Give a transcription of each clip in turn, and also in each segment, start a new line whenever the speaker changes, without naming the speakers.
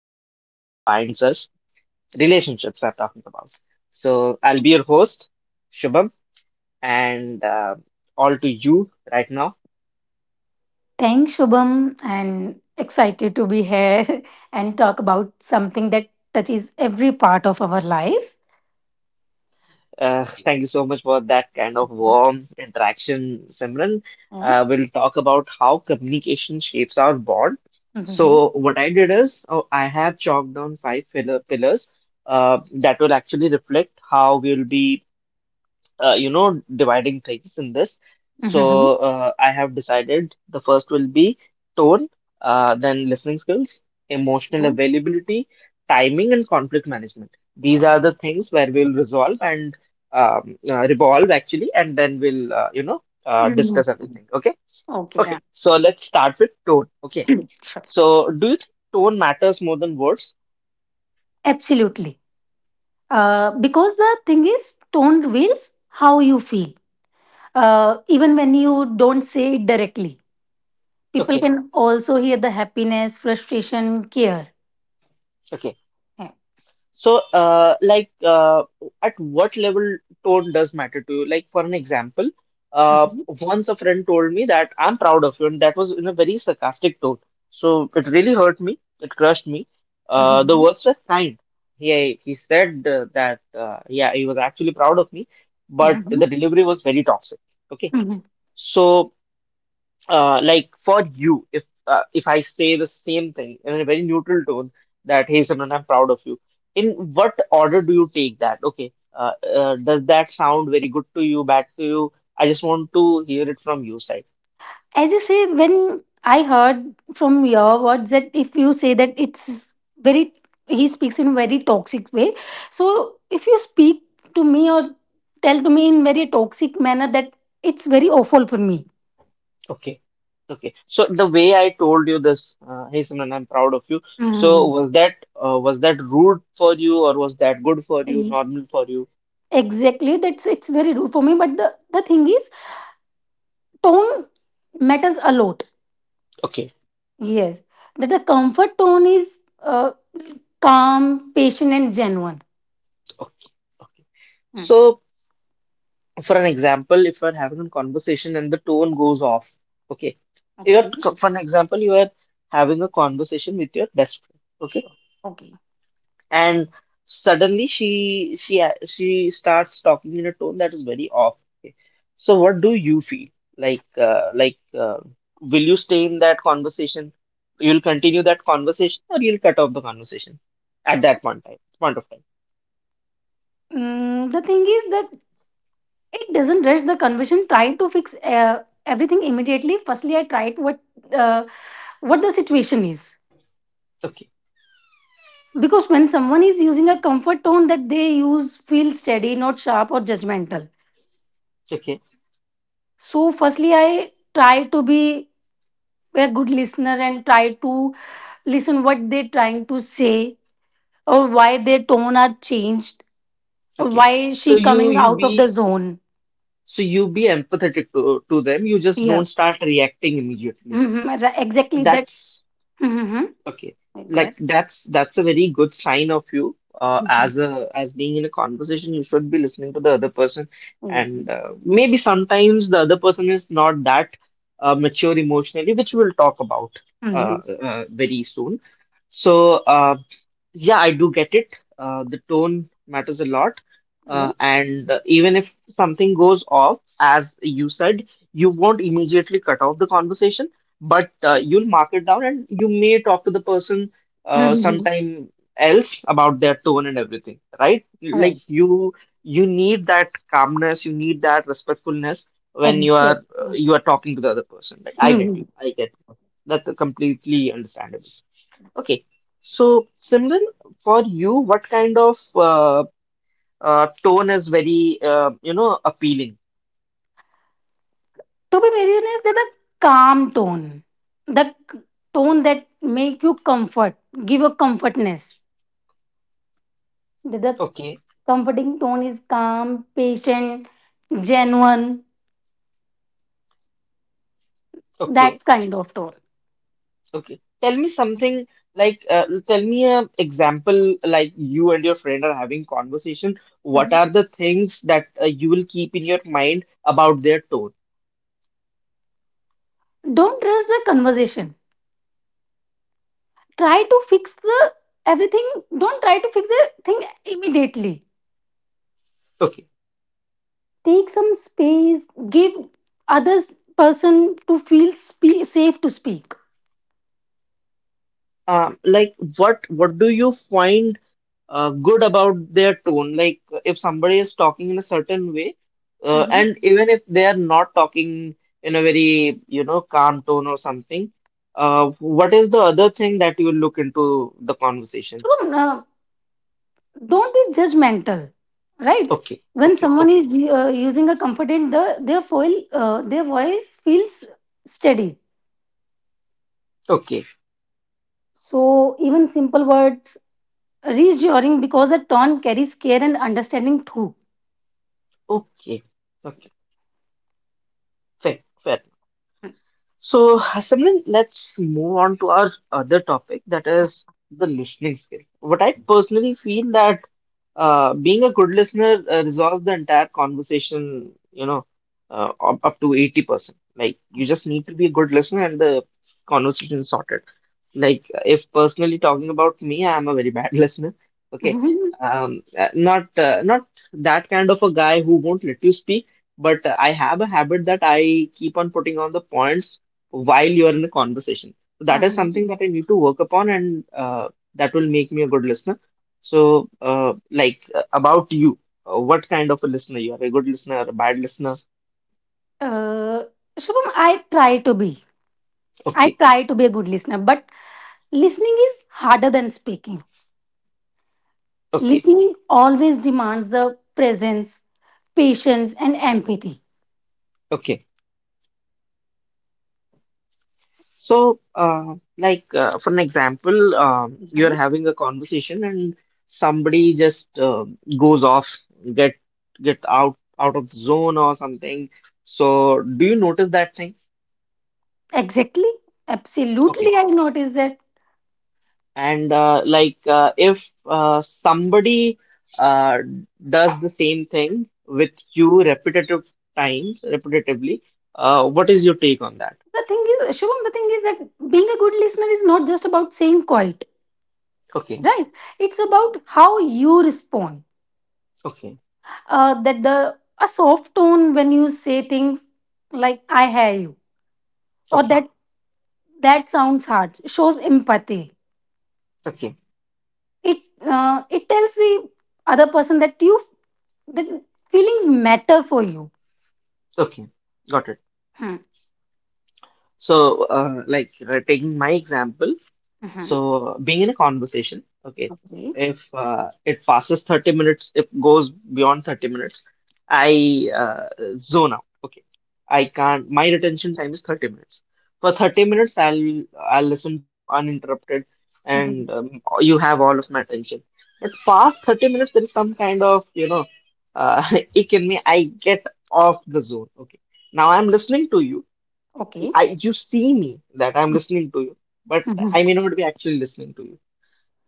threads that binds us, relationships I'm talking about. So I'll be your host, Shubham, and all to you right now.
Thanks, Shubham, and excited to be here and talk about something that touches every part of our lives.
Thank you so much for that kind of warm interaction, Simran.
Yeah.
We'll talk about how communication shapes our bond.
Mhm.
So what I did is oh, I have chalked down five pillars that will actually reflect how we'll be dividing things in this.
Mhm.
So I have decided the first will be tone, then listening skills, emotional availability, timing, and conflict management. These are the things where we'll resolve and revolve actually, and then we'll
Mhm.
discuss everything. Okay,
Okay, then.
okay. So let's start with tone. Okay.
Sure.
So do you think tone matters more than words?
Absolutely. Because the thing is, tone reveals how you feel. Even when you don't say it directly, people
Okay.
can also hear the happiness, frustration, care.
Okay.
Yeah.
So, at what level tone does matter to you? Like, for an example, uh,
Mhm.
once a friend told me that I'm proud of you, and that was in a very sarcastic tone. So it really hurt me. It crushed me. The
Mhm.
words were kind. He said that yeah, he was actually proud of me, but the delivery was very toxic. Okay,
Mhm.
so like for you, if I say the same thing in a very neutral tone that hey Simran, I'm proud of you. In what order do you take that? Okay, does that sound very good to you, bad to you? I just want to hear it from your side.
As you say, when I heard from your words that if you say that it's very, he speaks in a very toxic way. So if you speak to me or tell to me in very toxic manner, that it's very awful for me.
Okay, okay. So the way I told you this, hey Simran, I'm proud of you. So
Mm.
was that rude for you, or was that good for you,
Ye-
normal for you?
exactly that's it's very rude for me, but the thing is tone matters a lot.
Okay,
Yes, that the comfort tone is calm, patient and genuine.
okay, okay.
Mm.
So. For an example, if you're having a conversation and the tone goes off, okay, you're,
Okay.
for an example, you are having a conversation with your best friend, okay,
Okay.
and suddenly she starts talking in a tone that is very off. Okay, so what do you feel like? Will you stay in that conversation? You'll continue that conversation, or you'll cut off the conversation at that point of time.
Mm, the thing is that it doesn't rush the conversion, try to fix everything immediately. Firstly, I tried uh, what the situation is,
Okay,
because when someone is using a comfort tone, that they use feel steady, not sharp or judgmental.
okay,
So firstly, I try to be a good listener and try to listen what they're trying to say, or why their tone are changed, or
okay.
why
So
she
you
coming
you
out of the
be
zone.
So you be empathetic to them. You just
Yeah.
don't start reacting immediately.
Mhm, exactly that.
That's
Mm-hmm.
okay.
Go
Like
ahead.
that's a very good sign of you
Mhm.
as a as being in a conversation. You should be listening to the other person,
Yes.
and maybe sometimes the other person is not that mature emotionally, which we'll talk about uh,
Mhm.
very soon. So yeah, I do get it. The tone matters a lot. And even if something goes off, as you said, you won't immediately cut off the conversation, but you'll mark it down and you may talk to the person
Mhm.
sometime else about their tone and everything, right? Like
Right.
you you need that calmness, you need that respectfulness when
Exactly.
you are talking to the other person. Like I get you,
Mhm.
I get you. That's completely understandable. Okay, so Simran, for you, what kind of tone is very appealing?
To be very honest, they're the calm tone, the tone that make you comfort, give you comfortness. The
Okay,
comforting tone is calm, patient, genuine.
okay,
That's kind of tone.
okay. Tell me something like tell me an example like you and your friend are having conversation. What
Mhm.
are the things that you will keep in your mind about their tone?
Don't rush the conversation. Try to fix the everything. Don't try to fix the thing immediately.
Okay.
Take some space. Give others person to feel safe to speak.
Like what do you find good about their tone. Like if somebody is talking in a certain way, and even if they are not talking in a very, you know, calm tone or something, what is the other thing that you look into the conversation?
True, no, don't be judgmental, right?
Okay,
When
okay,
someone
okay,
is using a confident, their foil, their voice feels steady.
okay,
So even simple words reassuring because a tone carries care and understanding too.
okay, okay, fair, fair. So, Simran, let's move on to our other topic that is the listening skill. What I personally feel that being a good listener resolves the entire conversation, you know, up to 80%. Like, you just need to be a good listener and the conversation is sorted like if personally talking about me I am a very bad listener. Okay,
Mhm.
not that kind of a guy who won't let you speak, but I have a habit that I keep on putting on the points while you are in a conversation. So that is something
Mhm.
that I need to work upon, and that will make me a good listener. So uh, about you, what kind of a listener you are, a good listener, a bad listener?
uh, Shubham, I try to be. I
okay
try to be a good listener, but listening is harder than speaking.
okay
Listening always demands the presence, patience, and empathy.
okay So, for an example, you're having a conversation and somebody just goes off, get get out of the zone or something. So, do you notice that thing?
Exactly.
Okay,
Absolutely, I noticed that.
and like if somebody uh, does the same thing with you repetitively, what is your take on that?
The thing is, Shubham, the thing is that being a good listener is not just about saying quiet,
Okay,
right? It's about how you respond.
okay,
That the a soft tone when you say things like "I hear you", or
okay,
that sounds harsh shows empathy.
okay,
It tells the other person that you that feelings matter for you.
okay. Got it.
Hmm.
So, taking my example,
Mhm.
so being in a conversation, okay,
Okay.
if it passes 30 minutes, if goes beyond 30 minutes, I zone out. Okay, I can't. My retention time is 30 minutes. For 30 minutes, I'll listen to you uninterrupted,
Mhm.
and you have all of my attention. But past 30 minutes, there is some kind of uh, it can me. I get off the zone. Okay, now I'm listening to you.
Okay.
I, you see me that I'm listening to you, but
Mhm.
I may not be actually listening to you.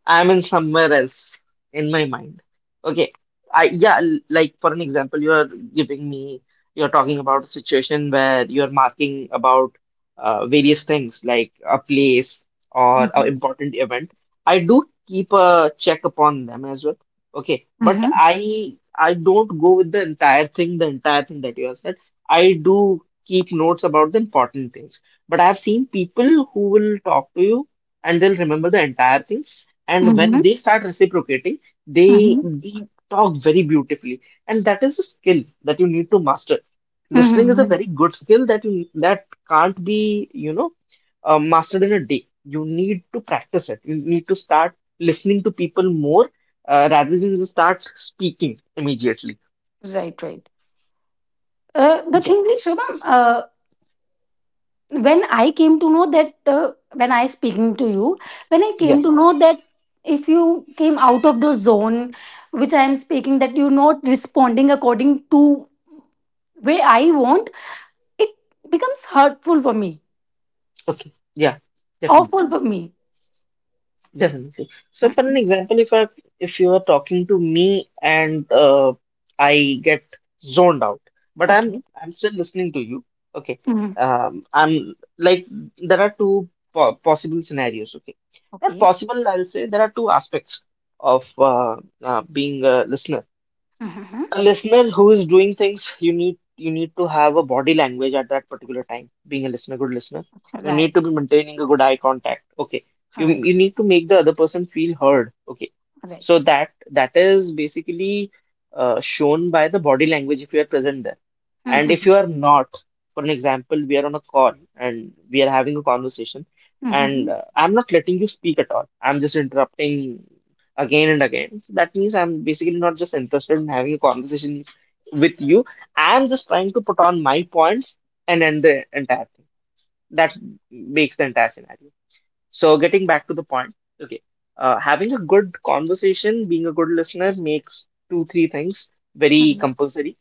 I'm in somewhere else in my mind. Okay. I yeah, like for an example, you are giving me you're talking about a situation where you're marking about various things like a place or an
Mhm.
important event. I do keep a check upon them as well. Okay, but I don't go with the entire thing that you have said. I do keep notes about the important things. But I've seen people who will talk to you and they'll remember the entire thing, and when
Mhm.
they start reciprocating they
Mhm.
they talk very beautifully, and that is a skill that you need to master. Listening is a
Mhm.
very good skill that you that can't be mastered in a day. You need to practice it, you need to start listening to people more, rather than just start speaking immediately.
Right, right. The
Yeah,
thing is, Shubham, when I came to know that, when I speaking to you, when I
yeah,
came to know that if you came out of the zone which I am speaking, that you're not responding according to way I want, it becomes hurtful for me,
okay, yeah, definitely.
awful for me.
Definitely. So, for an
Mhm.
example, if you are talking to me and I get zoned out, but
Okay.
I'm still listening to you. Okay.
Mhm.
I'm like there are two po possible scenarios. Okay. Not
Okay.
possible, I'll say there are two aspects of being a listener,
Mhm.
a listener who is doing things. You need you need to have a body language at that particular time being a listener, good listener. You need
Right.
to be maintaining a good eye contact. Okay, you
Right.
you need to make the other person feel heard. Okay,
Right.
so that that is basically shown by the body language if you are present there, and if
Mhm.
you are not, for an example we are on a call and we are having a conversation, and
Mhm.
I'm not letting you speak at all, I'm just interrupting again and again. So that means I'm basically not just interested in having a conversation with you. I'm just trying to put on my points and end the entire thing. That makes the entire scenario. So getting back to the point, okay, having a good conversation, being a good listener makes two, three things very
Mhm.
compulsory.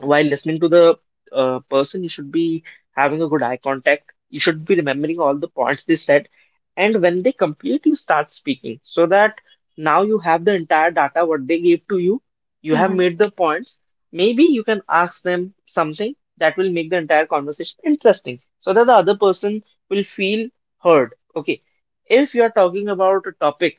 While listening to the person, you should be having a good eye contact. You should be remembering all the points they said. And when they complete, you start speaking so that now you have the entire data what they gave to you. You have
Mhm.
made the points. Maybe you can ask them something that will make the entire conversation interesting so that the other person will feel heard. Okay. If you are talking about a topic,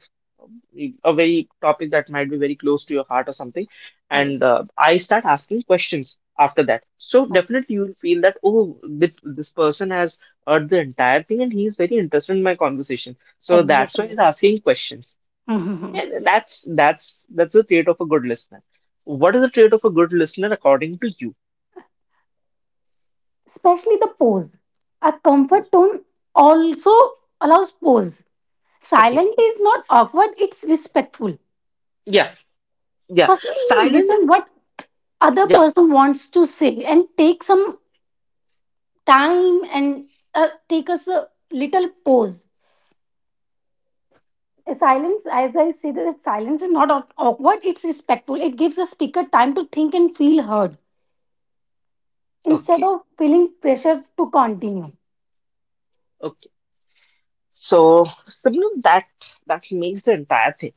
a very topic that might be very close to your heart or something,
Right.
and I start asking questions after that. So definitely you'll feel that oh, this person has heard the entire thing and he's very interested in my conversation. So that's why
Exactly.
he's asking questions.
Mhm.
Yeah, that's the trait of a good listener. What is the trait of a good listener according to you?
Especially the pose. A
Oh,
comfort tone also allows pose.
okay.
Silent is not awkward, it's respectful.
Yeah, yeah.
Firstly, you listen
Silent.
what other
Yeah.
person wants to say and take some time and take us a little pause. A silence, as I say, that silence is not awkward, it's respectful. It gives the speaker time to think and feel heard instead
Okay.
of feeling pressure to continue.
okay. So similar that that makes the entire thing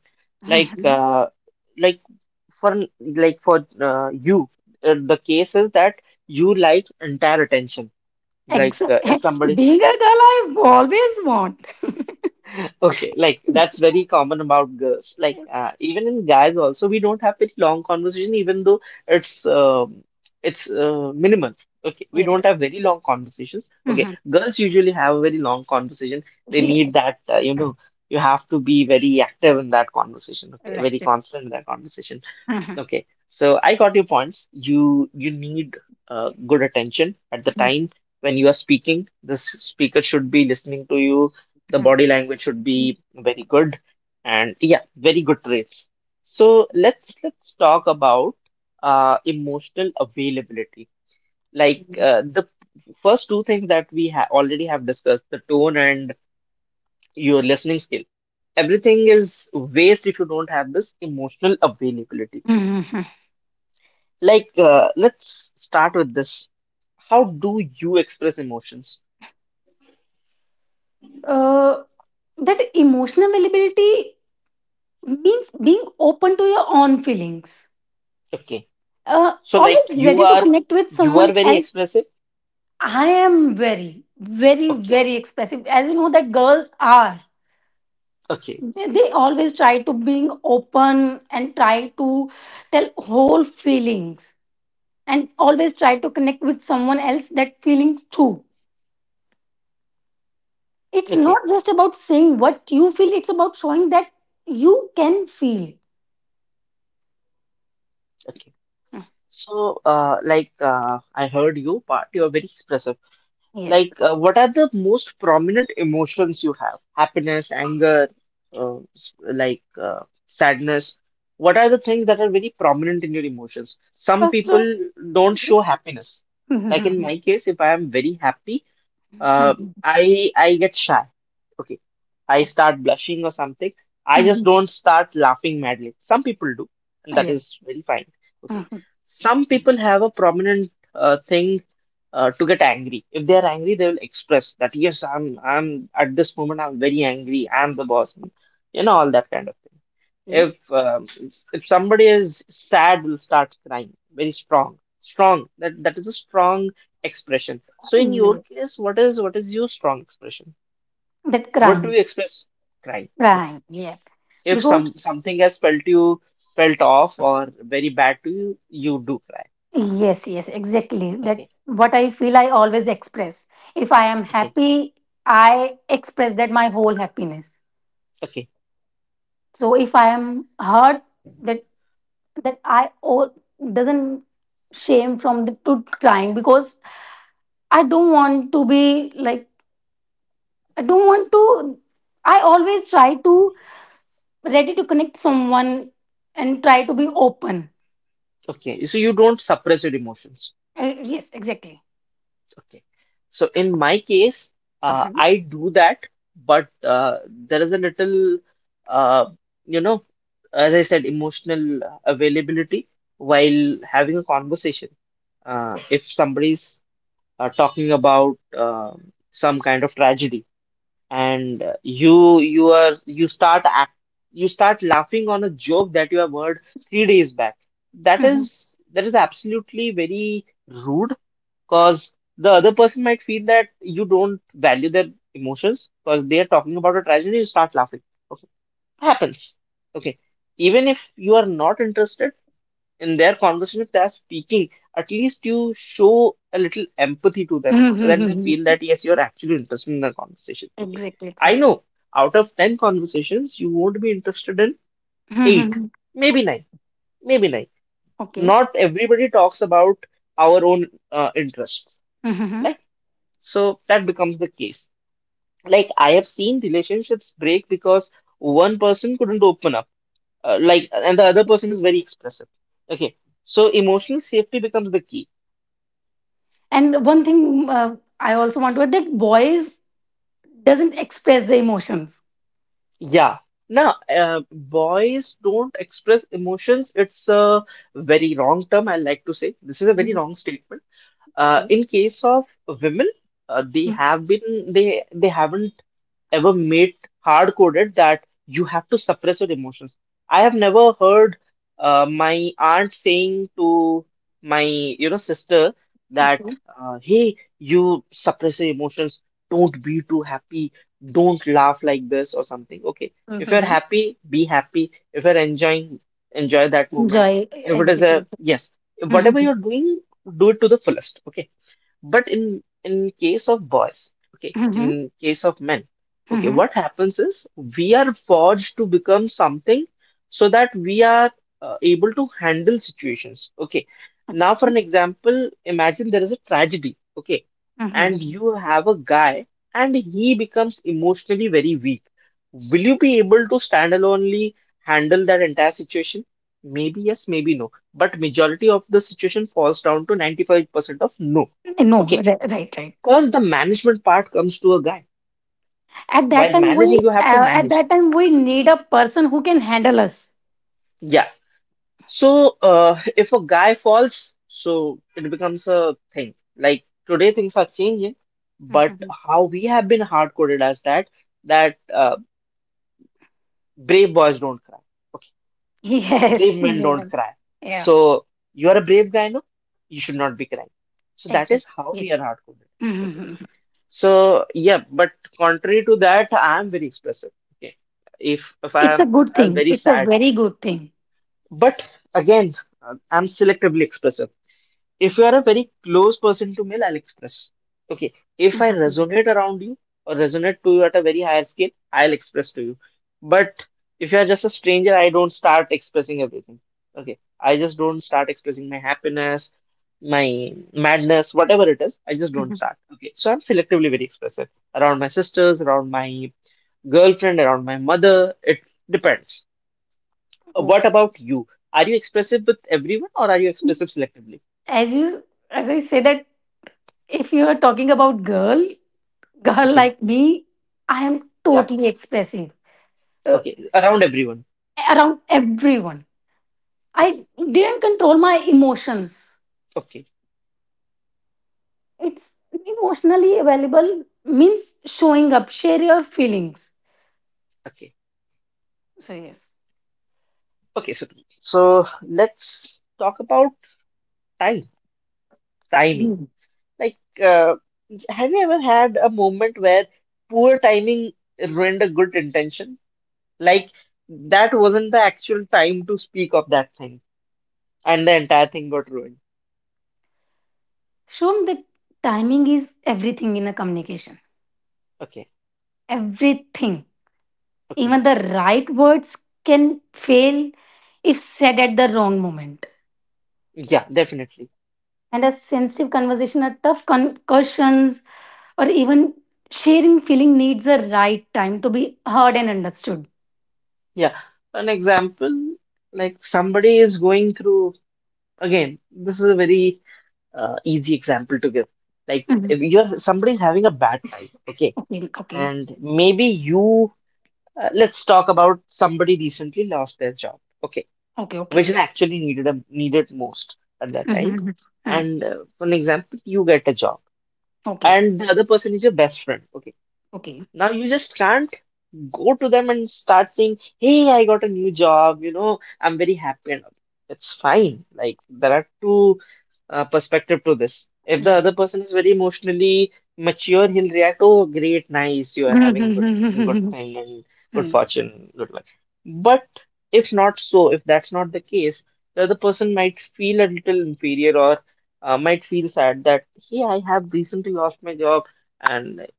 like
Mhm.
like for like for you the case is that you like entire attention like if
Exactly.
somebody
Being a girl, I always want.
Okay, like that's very common about girls. Even in guys also, we don't have very long conversation, even though it's um it's minimal. Okay, we don't
Yeah.
have very long conversations. Okay,
Mhm.
girls usually have a very long conversation. They need
Yes.
that. You have to be very active in that conversation. Okay,
Right.
very constant in that conversation.
Mhm.
Okay, so I got your points. You need good attention at the
Mhm.
time when you are speaking. The speaker should be listening to you. The body language should
Mhm.
be very good, and yeah, very good traits. So let's talk about emotional availability. The first two things that we ha already have discussed, the tone and your listening skill. Everything is waste if you don't have this emotional availability.
Mhm.
Let's start with this. How do you express emotions?
Uh, that emotional availability means being open to your own feelings.
Okay.
Uh,
So, like,
always
you
ready to
are
connect with
you
someone
are very
else.
expressive.
I am very, very,
Okay.
very expressive. As you know, that girls are.
Okay.
They always try to being open and try to tell whole feelings and always try to connect with someone else that feelings too. It's
Okay.
not just about saying what you feel, it's about showing that you can feel.
Okay. So, I heard you part. You are very expressive.
Yes.
What are the most prominent emotions you have? Happiness, anger, uh, s- like, uh, sadness. What are the things that are very prominent in your emotions? Some
First,
people don't show happiness. Like in my case, if I am very happy, Uh, I get shy. Okay. I start blushing or something. I just don't start laughing madly. Some people do, and that
yes.
is very fine. Okay. Some people have a prominent thing to get angry. If they are angry, they will express that, yes, I'm at this moment I'm very angry. I'm the boss. You know, all that kind of thing.
Okay.
If um, if somebody is sad, will start crying very strong. Strong. That is a strong expression. So in your
Yeah.
case, what is your strong expression?
That
What do
crying,
you express? Cry. Okay.
crying. Yeah.
If
Because,
something has felt you felt off or very bad to you, you do cry.
yes, yes, exactly. That
Okay.
what I feel, I always express. If I am
Okay.
happy, I express that my whole happiness.
Okay.
So if I am hurt, that that I all doesn't shame from the to crying because I don't want to be like, I don't want to, I always try to ready to connect someone and try to be open.
Okay. So you don't suppress your emotions.
Yes, exactly.
Okay. So in my case,
Mhm.
I do that, but there is a little, uh, you know, as I said, emotional availability while having a conversation if somebody's talking about some kind of tragedy and you you are you start act, you start laughing on a joke that you have heard three days back. that
Mhm.
is that is absolutely very rude because the other person might feel that you don't value their emotions because they are talking about a tragedy, you start laughing. Okay, happens. Okay, even if you are not interested in their conversation, if they're speaking, at least you show a little empathy to them so that they
Mhm.
feel that yes, you're actually interested in the conversation. Okay.
Exactly,
I
exactly.
know, out of 10 conversations, you won't be interested in eight,
Mhm.
maybe nine, maybe nine.
Okay.
Not everybody talks about our own interests, right?
Mhm.
So that becomes the case. Like, I have seen relationships break because one person couldn't open up, and the other person is very expressive. Okay. So emotional safety becomes the key.
And one thing I also want to add that boys doesn't express their emotions.
Yeah. Now, boys don't express emotions. It's a very wrong term, I like to say. This is a very wrong
Mhm.
statement.
Okay.
In case of women, uh, they
Mhm.
have been they they haven't ever made hard coded that you have to suppress your emotions. I have never heard my aunt saying to my, you know, sister that
Okay.
hey, you suppress your emotions, don't be too happy, don't laugh like this or something. Okay, if you're
Mhm.
happy, be happy. If you're enjoying, enjoy that moment.
Enjoy
If it is
exactly.
a
Exactly.
yes, whatever
Mhm.
you're doing, do it to the fullest. Okay, but in case of boys, okay,
Mhm.
in case of men, okay,
Mhm.
what happens is we are forged to become something so that we are able to handle situations. Okay. Now, for an example, imagine there is a tragedy, okay, and
Mhm.
you have a guy and he becomes emotionally very weak. Will you be able to standalonely handle that entire situation? Maybe yes, maybe no. But majority of the situation falls down to 95% of no.
No,
Okay,
right, right.
because the management part comes to a guy.
At that
While
time, we
managing, you have to
uh, at
manage.
that time we need a person who can handle us.
Yeah. So if a guy falls, so it becomes a thing. Like today, things are changing, but
Mhm.
how we have been hard coded as that that uh, brave boys don't cry. Okay, brave
Yes,
men don't cry.
yes, yeah,
So you are a brave guy, no? You should not be crying. So that is how
exactly.
we are hard coded.
Mhm.
So yeah, but contrary to that, I am very expressive. Okay, if if I
It's a
am if
good
I am
thing.
very
It's a
sad,
very good thing.
but again, I'm selectively expressive. If you are a very close person to me, I'll express. Okay, if I
Mhm.
resonate around you or resonate to you at a very higher scale, I'll express to you. But if you are just a stranger, I don't start expressing everything. Okay, I just don't start expressing my happiness, my madness, whatever it is, I just don't
Mhm.
start. Okay, so I'm selectively very expressive around my sisters, around my girlfriend, around my mother. It depends. What
Okay.
about you? Are you expressive with everyone or are you expressive selectively?
As you as I say that if you are talking about girl, girl
Okay,
like me, I am
yeah,
totally expressive uh,
okay, around everyone.
around everyone.
Okay,
I didn't control my emotions.
okay,
It's emotionally available means showing up, share your feelings.
okay,
So, yes.
okay. So, so let's talk about time, timing.
Mm.
Like, uh, have you ever had a moment where poor timing ruined a good intention? Like, that wasn't the actual time to speak of that thing, and the entire thing got ruined.
Shown that timing is everything in a communication.
Okay,
Everything.
okay.
Even the right words can fail if said at the wrong moment.
Yeah, definitely.
And a sensitive conversation or tough concussions or even sharing feeling needs a right time to be heard and understood.
Yeah. An example, like somebody is going through, again, this is a very easy example to give. Like,
Mhm.
if you're somebody's having a bad time, okay,
Okay, okay,
and maybe you, let's talk about somebody recently lost their job, okay,
okay, okay.
which is actually needed most at that
Mhm,
time.
mhm. Mm,
And for an example, you get a job
okay,
and the other person is your best friend. Okay.
okay.
Now you just can't go to them and start saying, "Hey, I got a new job, you know, I'm very happy and all." It's fine. Like there are two perspective to this. If the other person is very emotionally mature, he'll react, "Oh, great, nice, you are
Right.
having good thing and good fortune, good luck." But if not so, if that's not the case, the other person might feel a little inferior or might feel sad that, hey, I have recently lost my job. And."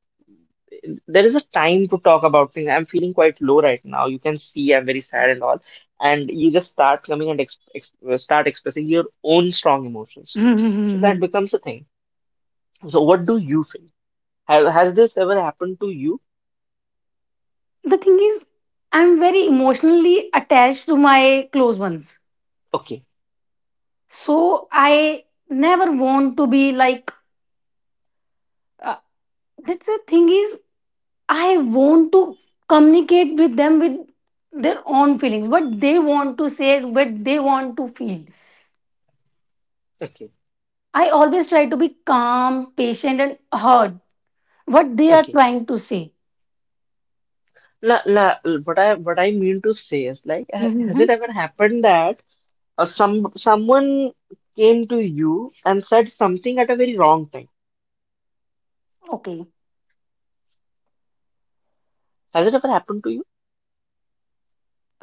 There is a time to talk about things. I'm feeling quite low right now. You can see I'm very sad and all. And you just start coming and ex ex start expressing your own strong emotions. So that
The
becomes a thing. So what do you feel? Has this ever happened to you?
thing is, I'm very emotionally attached to my close ones.
Okay,
So I never want to be like, uh, that's the thing is, I want to communicate with them with their own feelings what they want to say what they want to feel.
okay,
I always try to be calm, patient, and heard what they are
okay.
trying to say.
La, la, what I mean to say is like, has
Mhm.
it ever happened that someone came to you and said something at a very wrong time?
Okay.
Has it ever happened to you?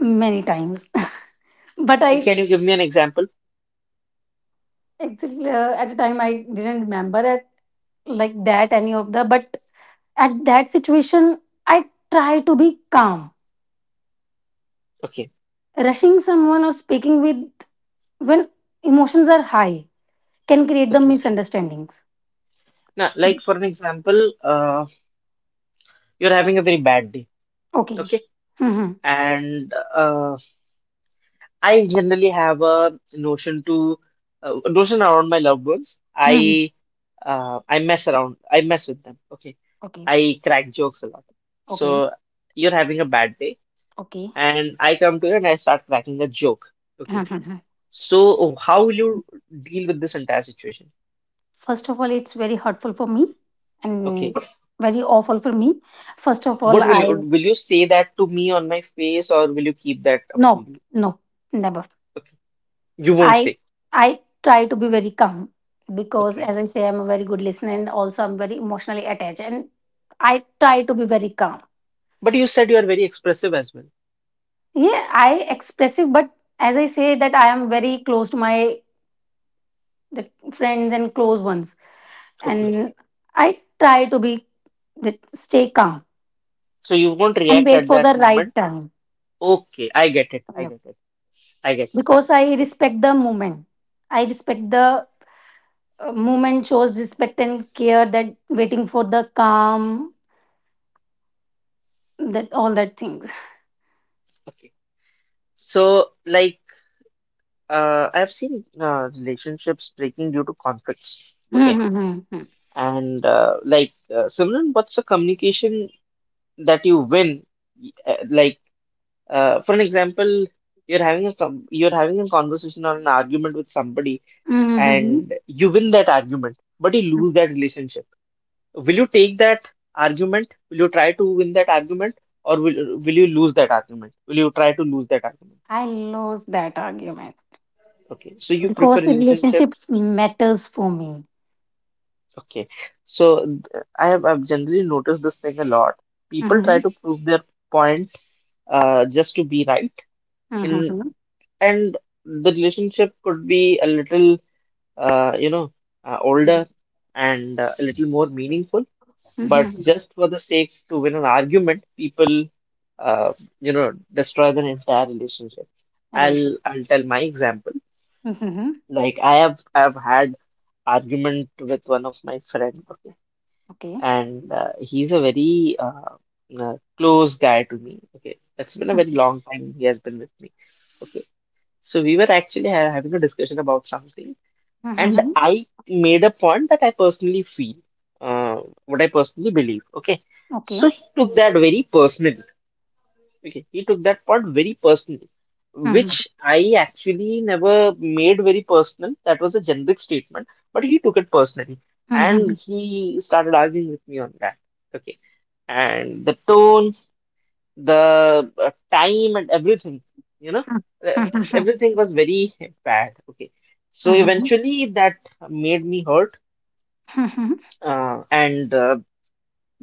Many times. but I
Can you give me an example?
Actually, at the time, I didn't remember it like that, any of the, but at that situation, I try to be calm.
Okay.
Rushing someone or speaking with when emotions are high can create the
Okay.
misunderstandings.
Now, like for an example, you're having a very bad day,
Okay.
okay?
Hmm.
And I generally have a notion to notion around my loved ones.
Hmm.
I mess around, I mess with them, okay?
Okay.
I crack jokes a lot.
Okay.
So you're having a bad day,
Okay.
and I come to you and I start cracking a joke, okay?
Mhm.
So how will you deal with this entire situation?
First of all, it's very hurtful for me
Okay,
and very awful for me. First of all,
what will you,
I
will you say that to me on my face, or will you keep that up to
no,
you?
no, never.
Okay, you won't
I
say.
I try to be very calm because
Okay.
as I say I'm a very good listener and also I'm very emotionally attached and I try to be very calm.
But you said you are very expressive as well.
Yeah, I expressive but as I say that I am very close to my the friends and close ones,
Okay.
and I try to be that stay calm
So you won't
and
react
wait
at
for
that
the right
moment.
time.
Okay. I get it. I
Yep.
get it. I get it.
Because I
O-
respect the moment. I respect the moment shows respect and care that waiting for the calm. That all that things.
Okay. So, like, I've seen relationships breaking due to conflicts.
Hmm.
Okay.
Hmm. Hmm.
And, Simran, what's the communication that you win? Y- For an example, you're having a com you're having a conversation or an argument with somebody,
Hmm.
and you win that argument, but you lose that relationship. Will you take that argument? Will you try to win that argument, or will you lose that argument? Will you try to lose that argument?
I lose that argument
Okay, so you prefer
because
relationships.
relationships matters for me.
Okay, so I have, I've generally noticed this thing a lot. People try
Mm-hmm.
to prove their point just to be right in,
Mm-hmm.
and the relationship could be a little uh, you know older and a little more meaningful, but
Hmm.
just for the sake to win an argument, people uh, destroy the entire relationship.
Right.
I'll tell my example.
Mm-hmm.
Like I've had argument with one of my friend, okay,
Okay.
and he's a very close guy to me. Okay, that's been a very long time he has been with me. Okay, so we were actually ha having a discussion about something, and
Mm-hmm.
I made a point that I personally feel, uh, what I personally believe. Okay,
Okay.
so he took that very personally. Okay, he took that part very personally,
Mm-hmm.
which I actually never made very personal. That was a generic statement, but he took it personally and
Mm-hmm.
he started arguing with me on that. Okay, and the tone, the time, and everything, you know, uh, everything was very bad. Okay, so
Mhm,
eventually that made me hurt,
mhm, mhm.
and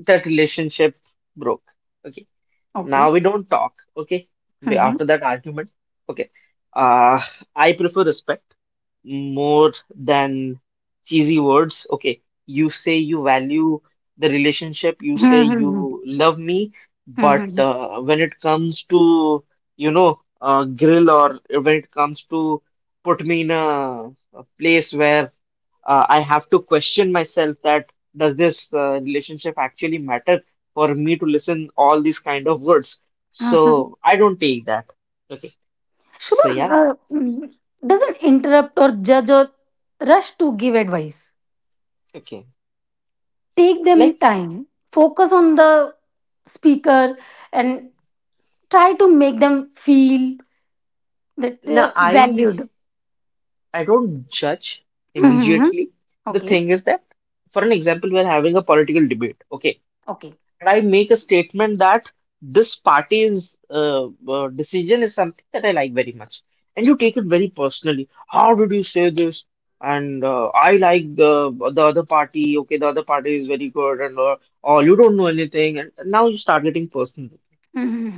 that relationship broke. Okay. Now
Okay.
we don't talk, okay?
Mhm,
After that argument, okay. Uh, I prefer respect more than cheesy words. Okay, you say you value the relationship, you say
mhm,
you love me, but
mhm,
when it comes to, grill, or when it comes to put me in a place where I have to question myself that does this relationship actually matter for me to listen all these kind of words?
mhm.
So I don't take that. Okay. So
Shubham,
yeah.
doesn't interrupt or judge or rush to give advice.
Okay.
Take them
Like
time, focus on the speaker, and try to make them feel that they
now
are
I
valued.
I don't judge
Mhm.
immediately. The
Okay,
thing is that, for an example, we are having a political debate, okay?
okay.
And I make a statement that this party's decision is something that I like very much, and you take it
Mhm.
very personally. How did you say this? And I like the other party. Okay, the other party is very good, and all you don't know anything, and now you start getting personal.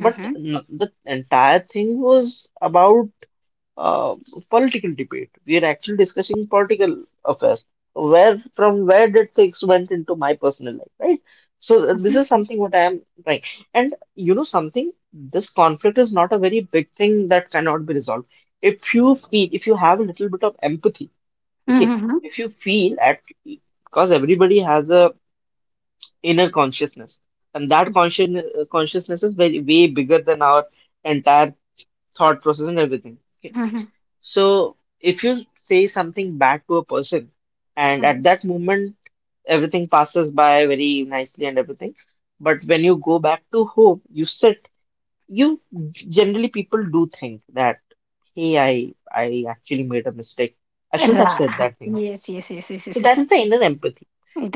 But the entire thing was about uh, political debate. We are actually discussing political affairs. Where from where did things went into my personal life, right? So this is
Mhm.
something what I am trying. And you know something, this conflict is not a very big thing that cannot be resolved. If you feel, if you have a little bit of empathy, okay,
Mhm.
if you feel at, because everybody has a inner consciousness, and that consciousness is very way bigger than our entire thought process and everything.
Mhm.
So if you say something back to a person, and at that moment everything passes by very nicely and everything, but when you go back to home, you sit, you, generally people do think that, hey, I actually made a mistake. I shouldn't have said
Ra-
that thing.
yes yes, yes, yes,
So
yes, yes.
that is the inner empathy.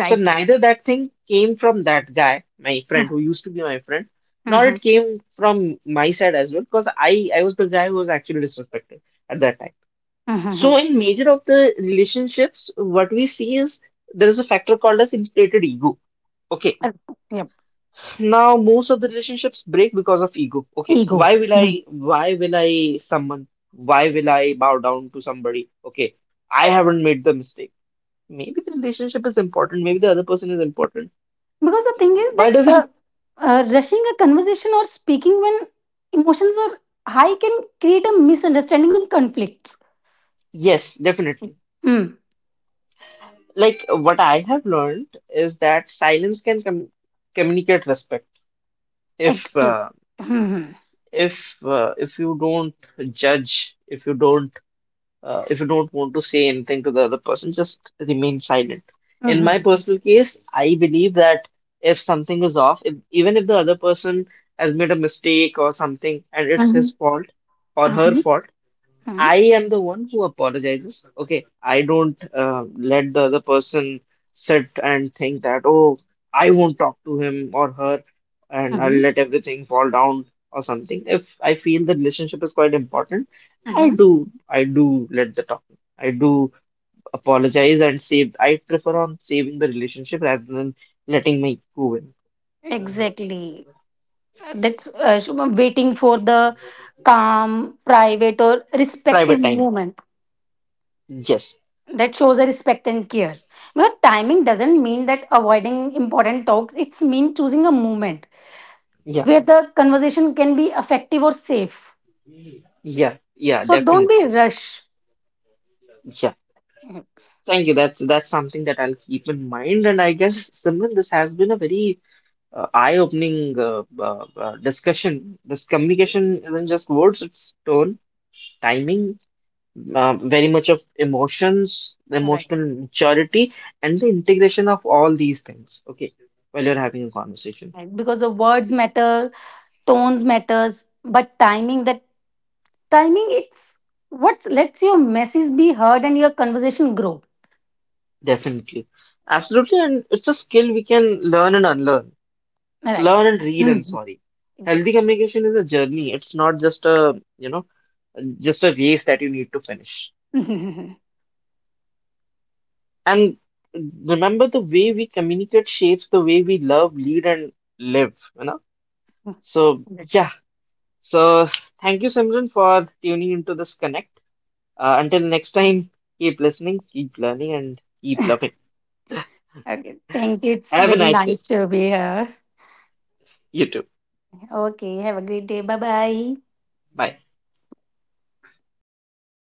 So
right.
neither that thing came from that guy, my friend who used to be my friend, nor
Mhm.
it came from my side as well, because I was the guy who was actually disrespected at that time. So,
Mhm.
in major of the relationships, what we see is there is a factor called as inflated ego. Okay.
Uh, yep.
Now, most of the relationships break because of ego. Okay.
Ego. Mhm.
Why will I someone? Why will I bow down to somebody? Okay. I haven't made the mistake. Maybe the relationship is important. Maybe the other person is important.
Because the thing is
Why
that
does it?
rushing a conversation or speaking when emotions are high can create a misunderstanding and conflicts.
Yes, definitely.
Hmm.
Like what I have learned is that silence can communicate respect. If
Exactly.
uh,
Hmm.
if you don't judge, if you don't want to say anything to the other person, just remain silent. In
Hmm.
my
Hmm.
personal case, I believe that if something is off, if, even if the other person has made a mistake or something and it's
Hmm.
his fault or her fault,
Hmm.
I am the one who apologizes. Okay, I don't let the other person sit and think that, oh, I won't talk to him or her, and I'll
Hmm.
let everything fall down or something. If I feel the relationship is quite important,
Hmm.
I do let the talk. I do apologize and save. I prefer on saving the relationship rather than letting my go in.
Exactly. That's Shubham, waiting for the calm, private, or respective
Private time.
moment
Yes.
that shows a respect and care. But timing doesn't mean that avoiding important talks. It's mean choosing a moment
Yeah.
where the conversation can be effective or safe.
Yeah. Yeah.
So don't be
Definitely.
rush. Mhm.
Thank you. That's something that I'll keep in mind. And I guess, Simran, this has been a very eye-opening discussion. This communication isn't just words; it's tone, timing, very much of emotions,
Right.
emotional maturity, and the integration of all these things. Okay, while you're having a conversation,
Right. Because the words matter, tones matters, but timing, that timing, it's what lets your message be heard and your conversation grow.
definitely, absolutely, and it's a skill we can learn and unlearn,
Right.
learn and relearn.
Mhm.
Sorry, healthy
Exactly.
communication is a journey. It's not just a just a race that you need to finish.
Mhm.
And remember, the way we communicate shapes the way we love, lead, and live, you know? So, yeah. So, thank you, Simran, for tuning into this connect. Until next time, keep listening, keep learning, and keep loving.
Okay, thank you, it's
Have a
very
nice day.
nice to be here.
You too.
Okay, have a great day. Bye bye.
Bye.